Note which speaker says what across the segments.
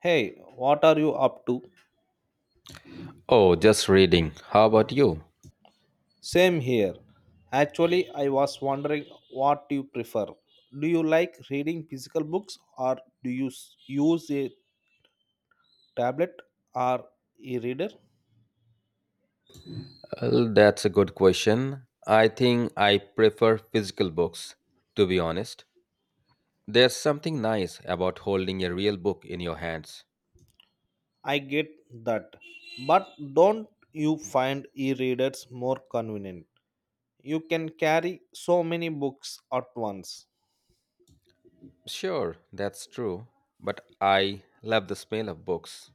Speaker 1: Hey, what are you up to?
Speaker 2: Oh, just reading. How about you?
Speaker 1: Same here. Actually, I was wondering what you prefer. Do you like reading physical books or do use a tablet or e reader?
Speaker 2: Well, that's a good question. I think I prefer physical books, to be honest. There's something nice about holding a real book in your hands.
Speaker 1: I get that. But don't you find e readers more convenient? You can carry so many books at once.
Speaker 2: Sure, that's true, but I love the smell of books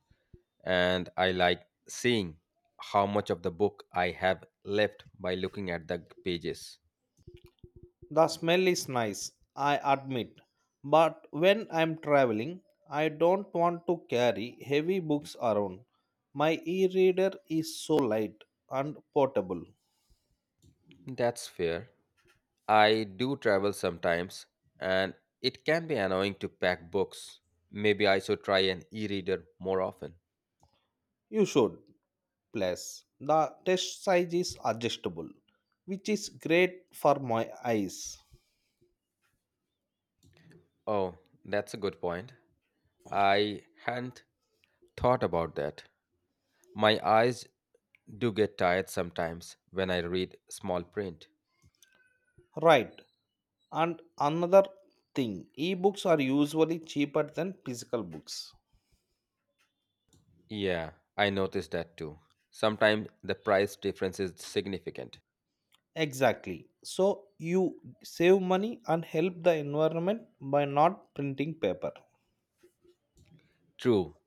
Speaker 2: and I like seeing how much of the book I have left by looking at the pages.
Speaker 1: The smell is nice, I admit, but when I'm traveling, I don't want to carry heavy books around. My e reader is so light and portable.
Speaker 2: That's fair. I do travel sometimes, and it can be annoying to pack books. Maybe I should try an e reader more often.
Speaker 1: You should, plus, the test size is adjustable, which is great for my eyes.
Speaker 2: Oh, that's a good point. I hadn't thought about that. My eyes do get tired sometimes when I read small print.
Speaker 1: Right, and another thing e books are usually cheaper than physical books.
Speaker 2: Yeah, I noticed that too. Sometimes the price difference is significant.
Speaker 1: Exactly. So you save money and help the environment by not printing paper.
Speaker 2: True,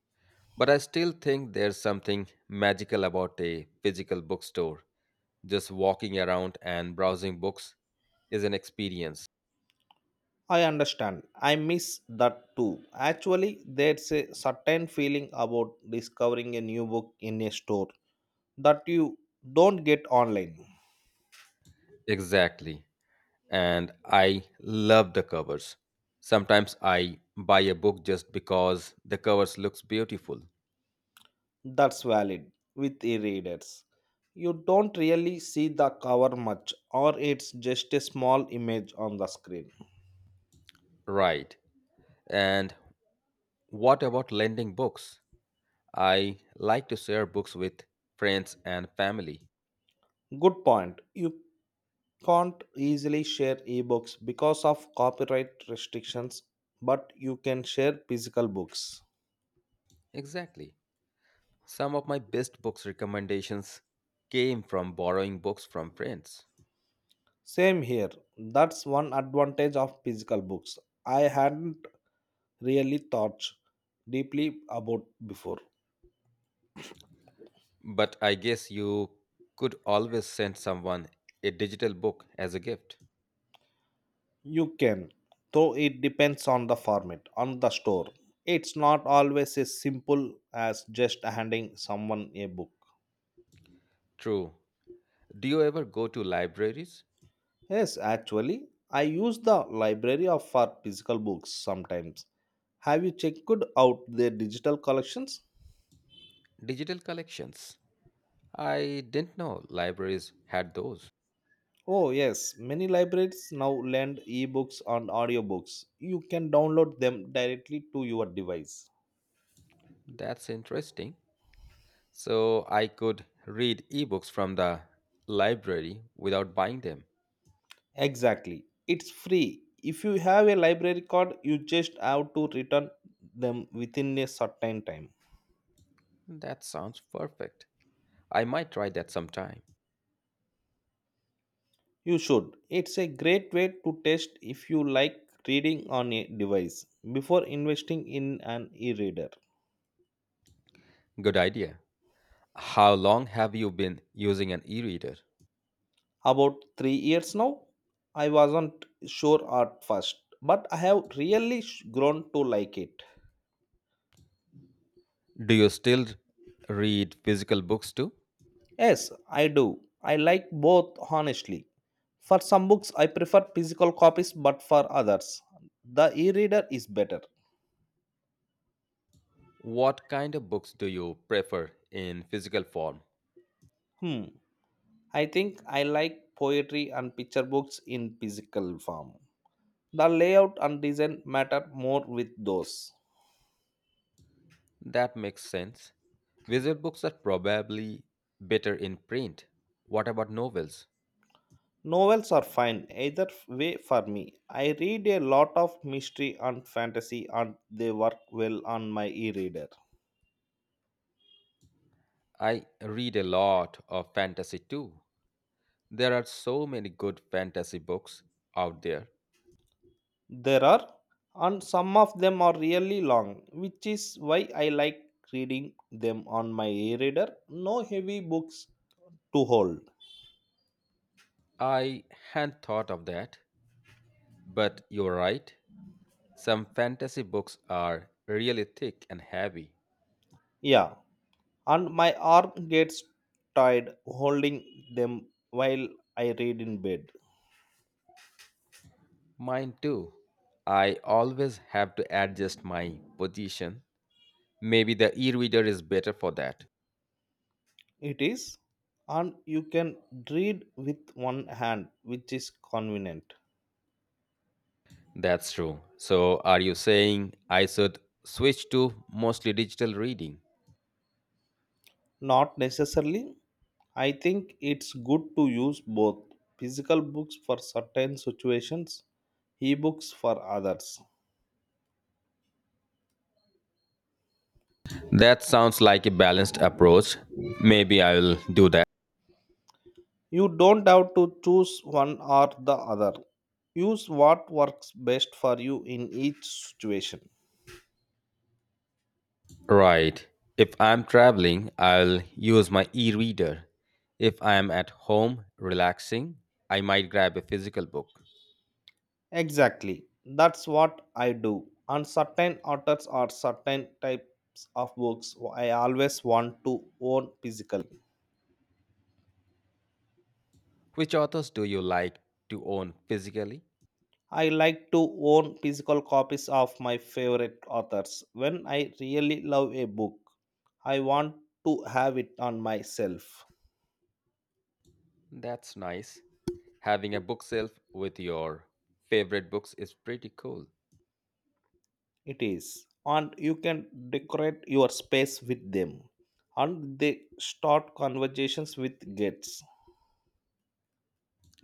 Speaker 2: but I still think there's something magical about a physical bookstore. Just walking around and browsing books is an experience.
Speaker 1: I understand. I miss that too. Actually, there's a certain feeling about discovering a new book in a store that you don't get online.
Speaker 2: Exactly. And I love the covers. Sometimes I buy a book just because the covers looks beautiful.
Speaker 1: That's valid with e readers. You don't really see the cover much, or it's just a small image on the screen.
Speaker 2: Right. And what about lending books? I like to share books with friends and family.
Speaker 1: Good point. You can't easily share ebooks because of copyright restrictions, but you can share physical books.
Speaker 2: Exactly. Some of my best books recommendations came from borrowing books from friends.
Speaker 1: Same here. That's one advantage of physical books. I hadn't really thought deeply about before.
Speaker 2: But I guess you could always send someone a digital book as a gift.
Speaker 1: You can, though it depends on the format, on the store. It's not always as simple as just handing someone a book.
Speaker 2: True. Do you ever go to libraries?
Speaker 1: Yes, actually, I use the library of for physical books sometimes. Have you checked out their digital collections?
Speaker 2: Digital collections. I didn't know libraries had those.
Speaker 1: Oh, yes, many libraries now lend ebooks and audiobooks. You can download them directly to your device.
Speaker 2: That's interesting. So I could read ebooks from the library without buying them.
Speaker 1: Exactly, it's free. If you have a library card, you just have to return them within a certain time.
Speaker 2: That sounds perfect. I might try that sometime.
Speaker 1: You should. It's a great way to test if you like reading on a device before investing in an e reader.
Speaker 2: Good idea. How long have you been using an e reader?
Speaker 1: About 3 years now, I wasn't sure at first, but I have really grown to like it.
Speaker 2: Do you still read physical books too?
Speaker 1: Yes, I do. I like both, honestly. For some books, I prefer physical copies, but for others, the e reader is better.
Speaker 2: What kind of books do you prefer in physical form?
Speaker 1: Hmm. I think I like poetry and picture books in physical form. The layout and design matter more with those.
Speaker 2: That makes sense. Visual books are probably better in print. What about novels?
Speaker 1: Novels are fine either way for me. I read a lot of mystery and fantasy and they work well on my e reader.
Speaker 2: I read a lot of fantasy too. There are so many good fantasy books out there.
Speaker 1: There are, and some of them are really long, which is why I like reading them on my e reader. No heavy books to hold.
Speaker 2: I hadn't thought of that, but you're right. Some fantasy books are really thick and heavy.
Speaker 1: Yeah, and my arm gets tired holding them while I read in bed.
Speaker 2: Mine too. I always have to adjust my position. Maybe the e-reader is better for that.
Speaker 1: It is, and you can read with one hand, which is convenient.
Speaker 2: That's true. So, are you saying I should switch to mostly digital reading?
Speaker 1: Not necessarily. I think it's good to use both physical books for certain situations, ebooks for others.
Speaker 2: That sounds like a balanced approach. Maybe I will do that.
Speaker 1: You don't have to choose one or the other. Use what works best for you in each situation.
Speaker 2: Right. If I'm traveling, I'll use my e reader. If I'm at home relaxing, I might grab a physical book.
Speaker 1: Exactly. That's what I do. And certain authors or certain types of books I always want to own physically.
Speaker 2: Which authors do you like to own physically?
Speaker 1: I like to own physical copies of my favorite authors. When I really love a book, I want to have it on myself.
Speaker 2: That's nice. Having a bookshelf with your favorite books is pretty cool.
Speaker 1: It is. And you can decorate your space with them. And they start conversations with guests.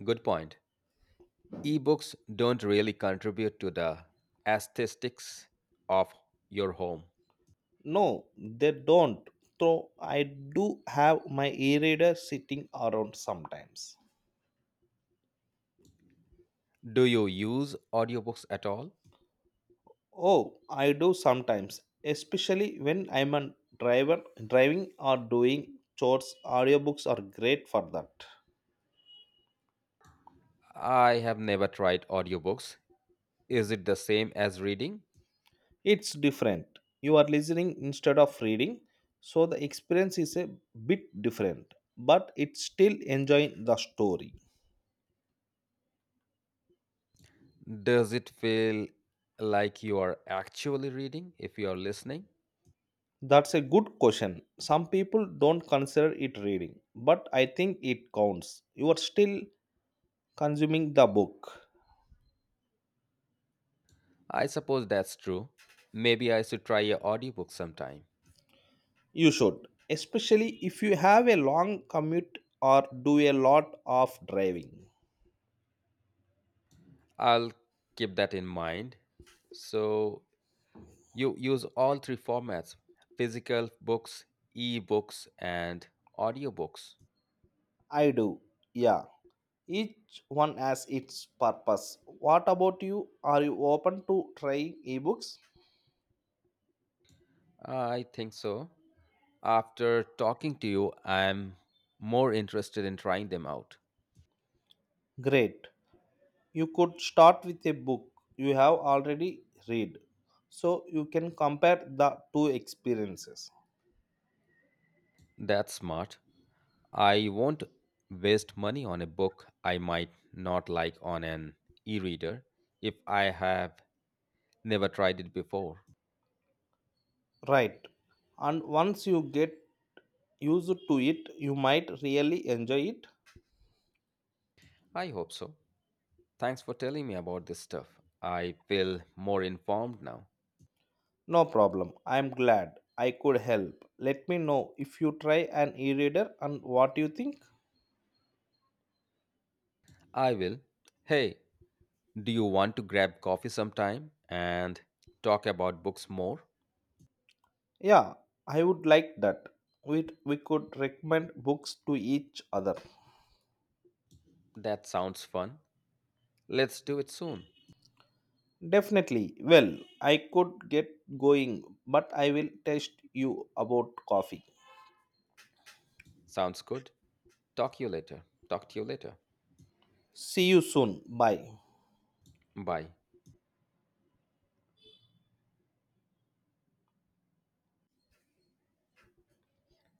Speaker 2: Good point. Ebooks don't really contribute to the aesthetics of your home.
Speaker 1: No, they don't. Though I do have my e reader sitting around sometimes.
Speaker 2: Do you use audiobooks at all?
Speaker 1: Oh, I do sometimes, especially when I'm a driver driving or doing chores. Audiobooks are great for that.
Speaker 2: I have never tried audiobooks. Is it the same as reading?
Speaker 1: It's different. You are listening instead of reading, so the experience is a bit different, but it's still enjoying the story.
Speaker 2: Does it feel like you are actually reading if you are listening?
Speaker 1: That's a good question. Some people don't consider it reading, but I think it counts. You are still consuming the book.
Speaker 2: I suppose that's true. Maybe I should try an audiobook sometime.
Speaker 1: You should, especially if you have a long commute or do a lot of driving.
Speaker 2: I'll keep that in mind. So, you use all three formats, physical books, e-books, and audiobooks.
Speaker 1: I do, yeah. Each one has its purpose. What about you? Are you open to trying ebooks?
Speaker 2: I think so. After talking to you, I'm more interested in trying them out.
Speaker 1: Great. You could start with a book you have already read so you can compare the two experiences.
Speaker 2: That's smart. I won't waste money on a book I might not like on an e reader if I have never tried it before.
Speaker 1: Right. And once you get used to it, you might really enjoy it.
Speaker 2: I hope so. Thanks for telling me about this stuff. I feel more informed now.
Speaker 1: No problem. I am glad I could help. Let me know if you try an e-reader and what you think.
Speaker 2: I will. Hey, do you want to grab coffee sometime and talk about books more?
Speaker 1: Yeah, I would like that. We could recommend books to each other.
Speaker 2: That sounds fun. Let's do it soon.
Speaker 1: Definitely. Well, I could get going, but I will text you about coffee.
Speaker 2: Sounds good. Talk you later. Talk to you later.
Speaker 1: See you soon. Bye.
Speaker 2: Bye.